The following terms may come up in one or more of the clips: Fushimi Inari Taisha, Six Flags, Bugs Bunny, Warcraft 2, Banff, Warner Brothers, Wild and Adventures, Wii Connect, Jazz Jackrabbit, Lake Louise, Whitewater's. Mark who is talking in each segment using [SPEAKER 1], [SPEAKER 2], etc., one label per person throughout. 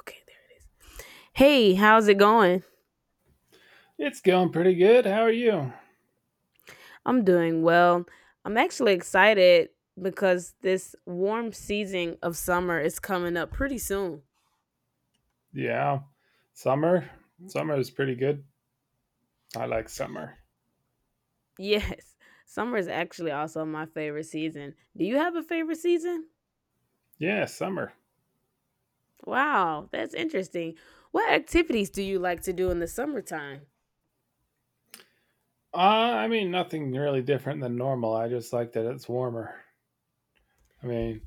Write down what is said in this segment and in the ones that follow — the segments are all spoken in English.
[SPEAKER 1] Okay, there it is. Hey, how's it going?
[SPEAKER 2] It's going pretty good. How are you?
[SPEAKER 1] I'm doing well. I'm actually excited because this warm season of summer is coming up pretty soon.
[SPEAKER 2] Yeah, summer. Summer is pretty good. I like summer.
[SPEAKER 1] Yes, summer is actually also my favorite season. Do you have a favorite season?
[SPEAKER 2] Yeah, summer.
[SPEAKER 1] Wow, that's interesting. What activities do you like to do in the summertime?
[SPEAKER 2] I mean, nothing really different than normal. I just like that it's warmer. I mean,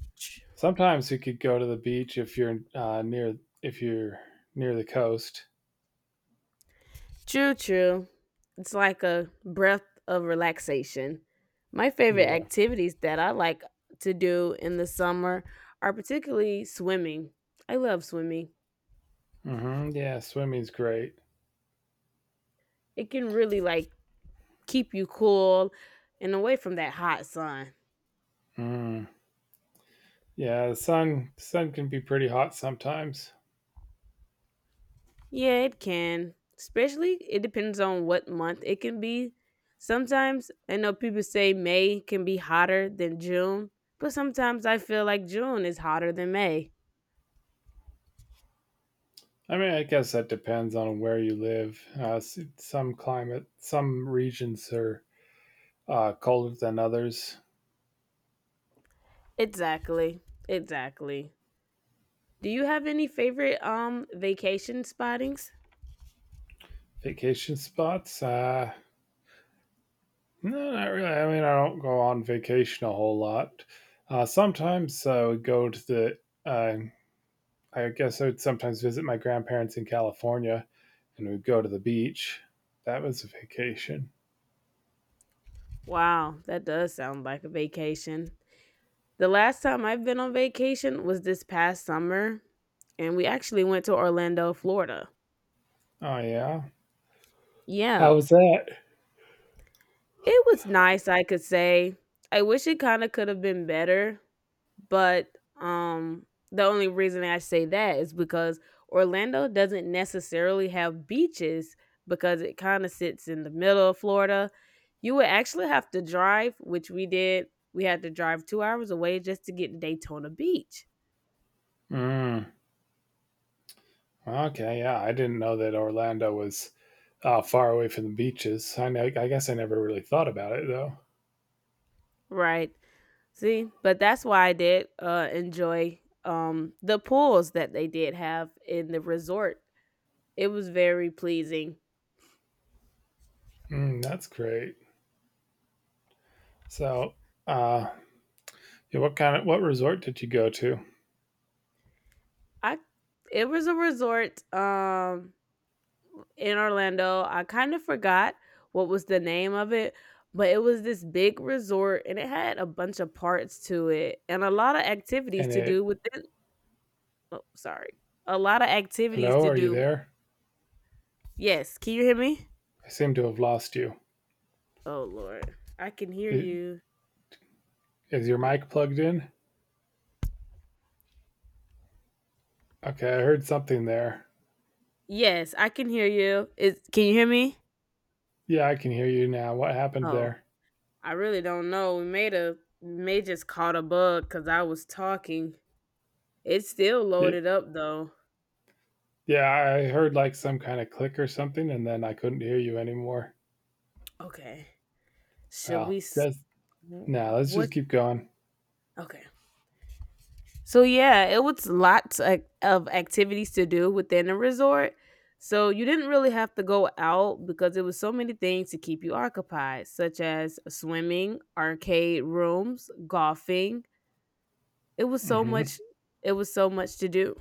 [SPEAKER 2] sometimes you could go to the beach if you're near if you're near the coast.
[SPEAKER 1] True, true. It's like a breath of relaxation. My favorite
[SPEAKER 2] Yeah.
[SPEAKER 1] activities that I like to do in the summer are particularly swimming. I love swimming.
[SPEAKER 2] Yeah, swimming's great.
[SPEAKER 1] It can really like keep you cool and away from that hot sun.
[SPEAKER 2] Mm. Yeah, the sun can be pretty hot sometimes.
[SPEAKER 1] Yeah, it can. Especially it depends on what month it can be. Sometimes I know people say May can be hotter than June, but sometimes I feel like June is hotter than May.
[SPEAKER 2] I mean, I guess that depends on where you live. Some climate, some regions are colder than others.
[SPEAKER 1] Exactly. Exactly. Do you have any favorite vacation spottings?
[SPEAKER 2] Vacation spots? No, not really. I mean, I don't go on vacation a whole lot. Sometimes I would go uh, I guess I would sometimes visit my grandparents in California, and we'd go to the beach. That was a vacation.
[SPEAKER 1] Wow, that does sound like a vacation. The last time I've been on vacation was this past summer, and we actually went to Orlando, Florida.
[SPEAKER 2] Oh, yeah.
[SPEAKER 1] Yeah,
[SPEAKER 2] How was that?
[SPEAKER 1] it was nice, I could say. I wish it kind of could have been better, but um the only reason I say that is because Orlando doesn't necessarily have beaches because it kind of sits in the middle of Florida. You would actually have to drive, which we did. We had to drive 2 hours away just to get to Daytona Beach.
[SPEAKER 2] Mm, okay, yeah. I didn't know that Orlando was far away from the beaches. I know, I guess I never really thought about it, though.
[SPEAKER 1] Right. See, but that's why I did enjoy the pools that they did have in the resort. It was very pleasing.
[SPEAKER 2] Mm, that's great. So, uh, Yeah, what kind of what resort did you go to?
[SPEAKER 1] I It was a resort in Orlando. I kind of forgot what was the name of it, but it was this big resort and it had a bunch of parts to it and a lot of activities
[SPEAKER 2] And
[SPEAKER 1] to do
[SPEAKER 2] it,
[SPEAKER 1] within. Oh, sorry. A lot of activities
[SPEAKER 2] hello,
[SPEAKER 1] to
[SPEAKER 2] are you
[SPEAKER 1] do.
[SPEAKER 2] there?
[SPEAKER 1] Yes. Can you hear me?
[SPEAKER 2] I seem to have lost you.
[SPEAKER 1] Oh, Lord. I can hear
[SPEAKER 2] I-
[SPEAKER 1] you.
[SPEAKER 2] Is your mic plugged in? Okay, I heard something there.
[SPEAKER 1] Yes, I can hear you. Is can you hear me?
[SPEAKER 2] Yeah, I can hear you now. What happened
[SPEAKER 1] Oh,
[SPEAKER 2] there?
[SPEAKER 1] I really don't know. We made a may just caught a bug because I was talking. It's still
[SPEAKER 2] Y-
[SPEAKER 1] loaded up though.
[SPEAKER 2] Yeah, I heard like some kind of click or something, and then I couldn't hear you anymore.
[SPEAKER 1] Okay, should we?
[SPEAKER 2] Well, let's just
[SPEAKER 1] What.
[SPEAKER 2] keep going.
[SPEAKER 1] Okay. So yeah, it was lots of activities to do within the resort. So you didn't really have to go out because there was so many things to keep you occupied, such as swimming, arcade rooms, golfing. It was so
[SPEAKER 2] hmm
[SPEAKER 1] much to do.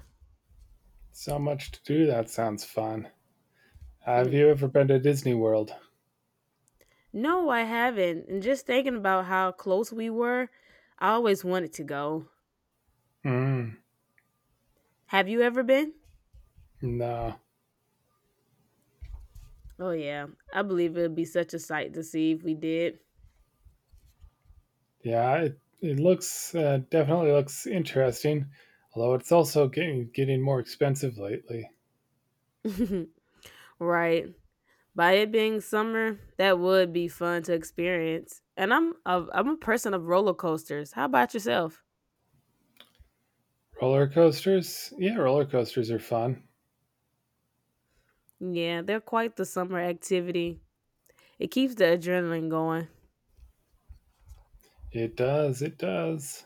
[SPEAKER 2] So much to do. That sounds fun. Have you ever been to Disney World?
[SPEAKER 1] No, I haven't. And just thinking about how close we were, I always wanted to go.
[SPEAKER 2] Mm,
[SPEAKER 1] Have you ever been?
[SPEAKER 2] no.
[SPEAKER 1] Oh yeah. I believe it would be such a sight to see if we did.
[SPEAKER 2] Yeah, it looks definitely looks interesting, although it's also getting more expensive lately.
[SPEAKER 1] Right. By it being summer, that would be fun to experience. And I'm a person of roller coasters. How about yourself?
[SPEAKER 2] Roller coasters, yeah, roller coasters are fun.
[SPEAKER 1] Yeah, they're quite the summer activity. It keeps the adrenaline going.
[SPEAKER 2] It does, it does.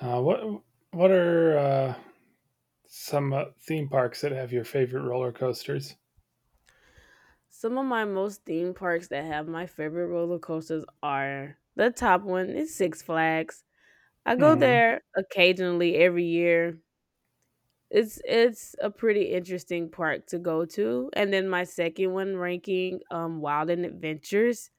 [SPEAKER 2] Uh, what what are Some theme parks that have your favorite roller coasters?
[SPEAKER 1] Some of my most theme parks that have my favorite roller coasters are the top one is Six Flags. I go
[SPEAKER 2] hmm
[SPEAKER 1] there occasionally every year. It's a pretty interesting park to go to. And then my second one ranking Wild and Adventures.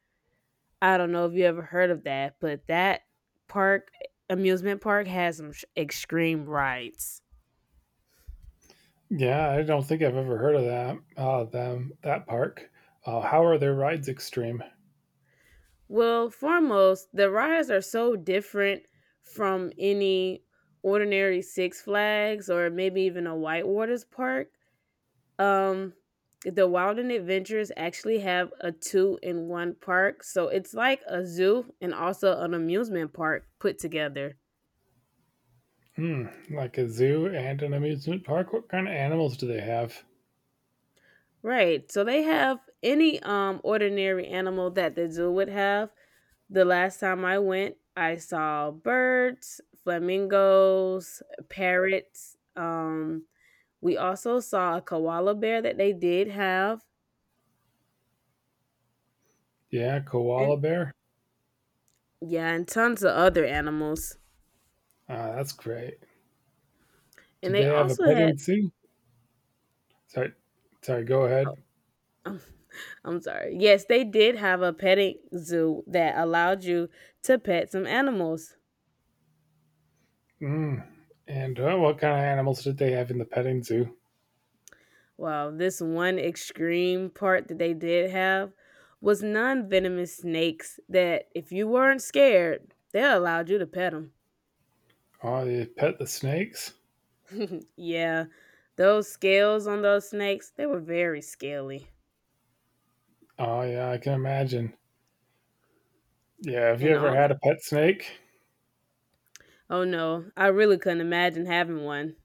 [SPEAKER 1] I don't know if you ever heard of that, but that park, amusement park, has some extreme rides.
[SPEAKER 2] Yeah, I don't think I've ever heard of that. Them That park. How are their rides extreme?
[SPEAKER 1] Well, foremost, the rides are so different from any ordinary Six Flags or maybe even a Whitewater's park. Um, the Wild and Adventures actually have a two in one park, so it's like a zoo and also an amusement park put together.
[SPEAKER 2] Hmm, like a zoo and an amusement park. What kind of animals do they have?
[SPEAKER 1] Right. So they have any ordinary animal that the zoo would have. The last time I went, I saw birds, flamingos, parrots. We also saw a koala bear that they did have,
[SPEAKER 2] Yeah,
[SPEAKER 1] and
[SPEAKER 2] koala bear.
[SPEAKER 1] yeah, and tons of other animals.
[SPEAKER 2] Ah, that's great.
[SPEAKER 1] And
[SPEAKER 2] Did
[SPEAKER 1] they
[SPEAKER 2] they have a
[SPEAKER 1] also had.
[SPEAKER 2] petting zoo? Sorry, sorry. Go
[SPEAKER 1] Oh,
[SPEAKER 2] ahead.
[SPEAKER 1] um, I'm sorry. Yes, they did have a petting zoo that allowed you to pet some animals.
[SPEAKER 2] Mm. And what kind of animals did they have in the petting zoo?
[SPEAKER 1] Well, this one extreme part that they did have was non venomous snakes that, if you weren't scared, they allowed you to pet them.
[SPEAKER 2] Oh, they pet the snakes.
[SPEAKER 1] Yeah, those scales on those snakes, they were very scaly.
[SPEAKER 2] Oh yeah, I can imagine. Yeah, have you
[SPEAKER 1] And
[SPEAKER 2] ever
[SPEAKER 1] all,
[SPEAKER 2] had a pet snake?
[SPEAKER 1] oh no, I really couldn't imagine having one.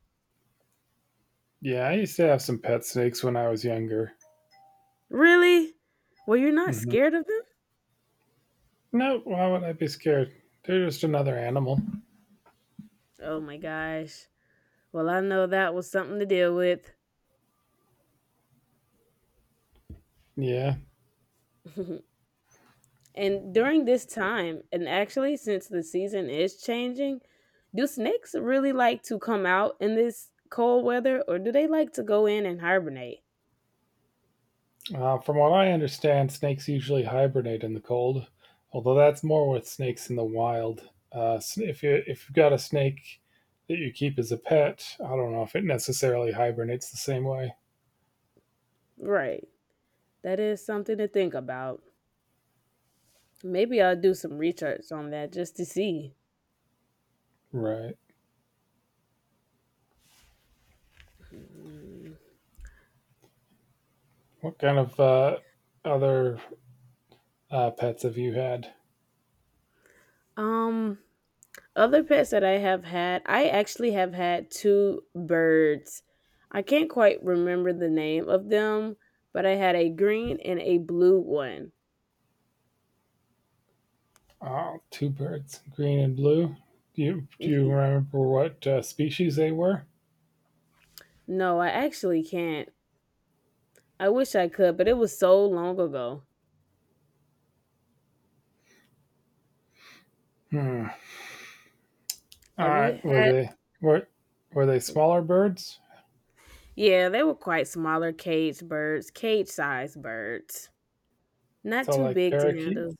[SPEAKER 2] Yeah, I used to have some pet snakes when I was younger.
[SPEAKER 1] Really? Well, you're not
[SPEAKER 2] hmm
[SPEAKER 1] scared of them?
[SPEAKER 2] No, why would I be scared? They're just another animal.
[SPEAKER 1] Oh my gosh. Well, I know that was something to deal with.
[SPEAKER 2] Yeah.
[SPEAKER 1] And during this time, and actually since the season is changing, do snakes really like to come out in this cold weather or do they like to go in and hibernate?
[SPEAKER 2] From what I understand, snakes usually hibernate in the cold, although that's more with snakes in the wild. S- if you if you've got a snake that you keep as a pet, I don't know if it necessarily hibernates the same way.
[SPEAKER 1] Right. That is something to think about. Maybe I'll do some research on that just to see.
[SPEAKER 2] Right.
[SPEAKER 1] Mm.
[SPEAKER 2] What kind of other pets have you had?
[SPEAKER 1] Um Other pets that I have had, I actually have had two birds. I can't quite remember the name of them, but I had a green and a blue one.
[SPEAKER 2] Oh, two birds, green and blue. Do you remember what species they were?
[SPEAKER 1] No, I actually can't. I wish I could, but it was so long ago.
[SPEAKER 2] Hmm. All
[SPEAKER 1] Have you
[SPEAKER 2] right.
[SPEAKER 1] had?
[SPEAKER 2] Were were they smaller birds?
[SPEAKER 1] Yeah, they were quite smaller cage birds, cage sized birds. Not
[SPEAKER 2] So
[SPEAKER 1] too
[SPEAKER 2] like
[SPEAKER 1] big to
[SPEAKER 2] parakeet
[SPEAKER 1] handle.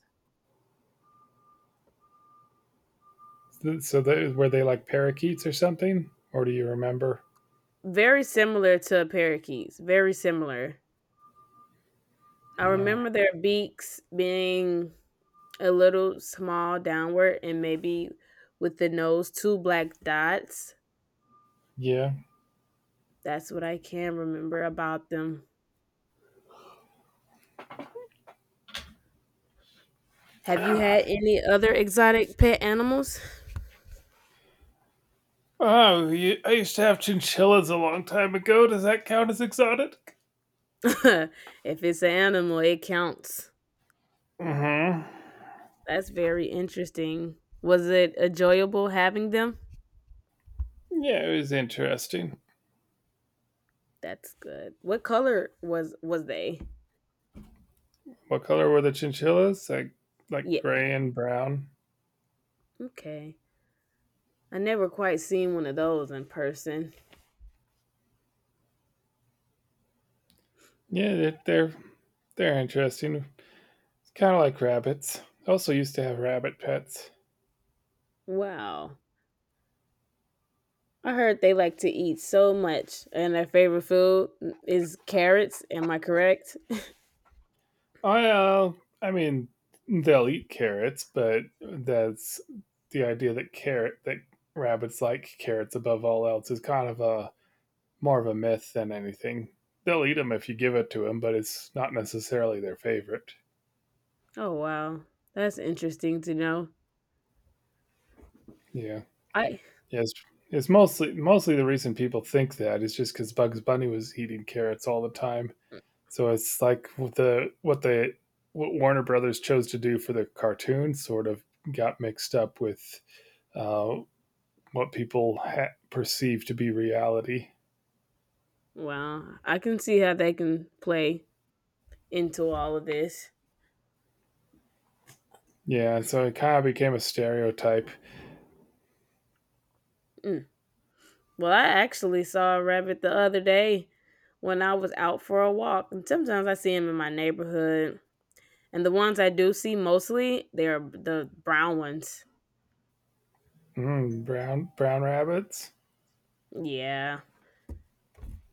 [SPEAKER 2] Were they like parakeets or something? Or do you remember?
[SPEAKER 1] Very similar to parakeets, very similar. I
[SPEAKER 2] Oh,
[SPEAKER 1] remember their beaks being a little small downward and maybe with the nose, two black dots.
[SPEAKER 2] yeah.
[SPEAKER 1] That's what I can remember about them. Have you had any other exotic pet animals?
[SPEAKER 2] Oh, I used to have chinchillas a long time ago. Does that count as exotic?
[SPEAKER 1] If it's an animal, it counts.
[SPEAKER 2] Mm-hmm.
[SPEAKER 1] That's very interesting. Was it enjoyable having them?
[SPEAKER 2] Yeah, it was interesting.
[SPEAKER 1] That's good. What color was they?
[SPEAKER 2] What color were the chinchillas? Like
[SPEAKER 1] Yeah.
[SPEAKER 2] gray and brown.
[SPEAKER 1] Okay. I never quite seen one of those in person.
[SPEAKER 2] Yeah, they're interesting. It's kind of like rabbits. I also used to have rabbit pets.
[SPEAKER 1] Wow. I heard they like to eat so much and their favorite food is carrots. Am I correct?
[SPEAKER 2] I uh, I mean, they'll eat carrots, but that's the idea that carrot that rabbits like carrots above all else is kind of a more of a myth than anything. They'll eat them if you give it to them, but it's not necessarily their favorite.
[SPEAKER 1] Oh wow. That's interesting to know.
[SPEAKER 2] Yeah,
[SPEAKER 1] I
[SPEAKER 2] yes. It's mostly the reason people think that is just because Bugs Bunny was eating carrots all the time. So it's what Warner Brothers chose to do for the cartoon, sort of got mixed up with uh, what people perceive to be reality.
[SPEAKER 1] Wow. I can see how they can play into all of this.
[SPEAKER 2] Yeah, so it kind of became a stereotype.
[SPEAKER 1] Mm. Well, I actually saw a rabbit the other day when I was out for a walk, and sometimes I see them in my neighborhood. And the ones I do see mostly, they're the brown ones.
[SPEAKER 2] Mm, brown rabbits.
[SPEAKER 1] Yeah.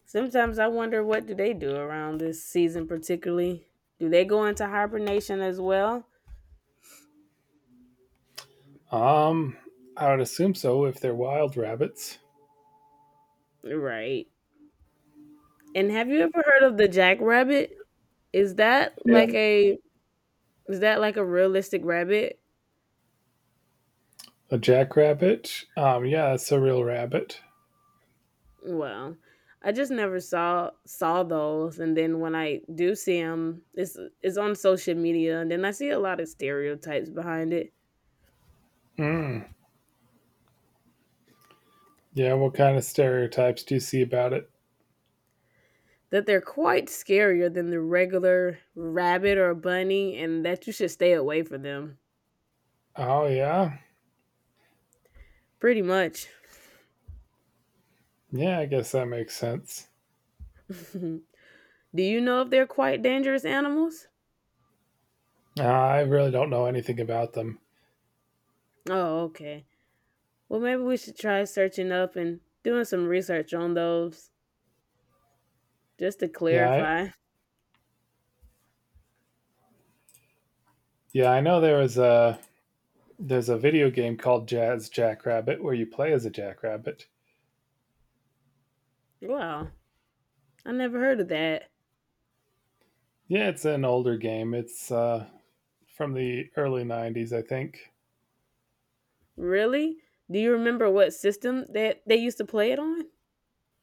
[SPEAKER 1] Sometimes I wonder what do they do around this season particularly? Do they go into hibernation as well?
[SPEAKER 2] Um, I would assume so if they're wild rabbits.
[SPEAKER 1] Right. And have you ever heard of the jackrabbit? Is that like
[SPEAKER 2] Yeah.
[SPEAKER 1] a is that like a realistic rabbit?
[SPEAKER 2] A jackrabbit. Yeah, that's a real rabbit.
[SPEAKER 1] Well, I just never saw those, and then when I do see them, it's on social media, and then I see a lot of stereotypes behind it
[SPEAKER 2] Mm, yeah, what kind of stereotypes do you see about it?
[SPEAKER 1] that they're quite scarier than the regular rabbit or bunny, and that you should stay away from them.
[SPEAKER 2] Oh yeah,
[SPEAKER 1] Pretty much.
[SPEAKER 2] yeah, I guess that makes sense.
[SPEAKER 1] Do you know if they're quite dangerous animals?
[SPEAKER 2] I really don't know anything about them.
[SPEAKER 1] Oh, okay. Well, maybe we should try searching up and doing some research on those just to
[SPEAKER 2] Yeah,
[SPEAKER 1] clarify.
[SPEAKER 2] I know there's a video game called Jazz Jackrabbit where you play as a jackrabbit.
[SPEAKER 1] Wow, I never heard of that.
[SPEAKER 2] Yeah, it's an older game. It's from the early '90s, I think.
[SPEAKER 1] Really? Do you remember what system they used to play it on?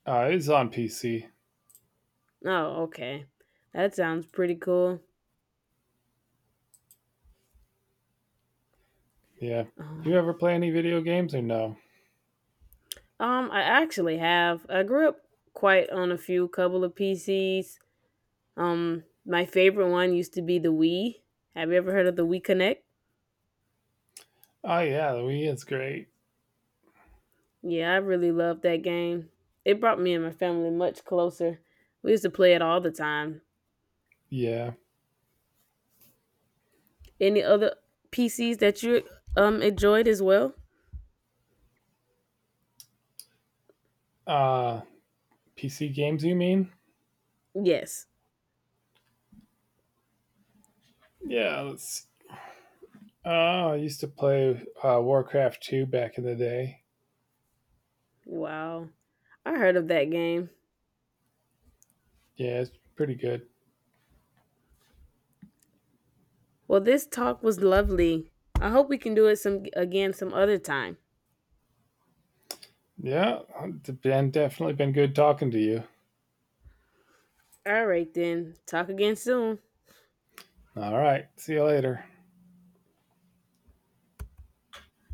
[SPEAKER 2] It's on PC.
[SPEAKER 1] Oh, okay. That sounds pretty cool.
[SPEAKER 2] Yeah. You
[SPEAKER 1] Um,
[SPEAKER 2] ever play any video games or no?
[SPEAKER 1] I actually have. I grew up quite on a few couple of PCs. My favorite one used to be the Wii. Have you ever heard of the Wii Connect?
[SPEAKER 2] Oh yeah, the Wii is great.
[SPEAKER 1] Yeah, I really loved that game. It brought me and my family much closer. We used to play it all the time.
[SPEAKER 2] Yeah.
[SPEAKER 1] Any other PCs that you enjoyed as well?
[SPEAKER 2] Uh, PC games, you mean?
[SPEAKER 1] Yes.
[SPEAKER 2] Yeah. Let's. Oh, I used to play Warcraft 2 back in the day.
[SPEAKER 1] Wow. I heard of that game.
[SPEAKER 2] Yeah, it's pretty good.
[SPEAKER 1] Well, this talk was lovely. I hope we can do it some again some other time.
[SPEAKER 2] Yeah, it's been Definitely been good talking to you.
[SPEAKER 1] All right then. Talk again soon.
[SPEAKER 2] All right, see you later.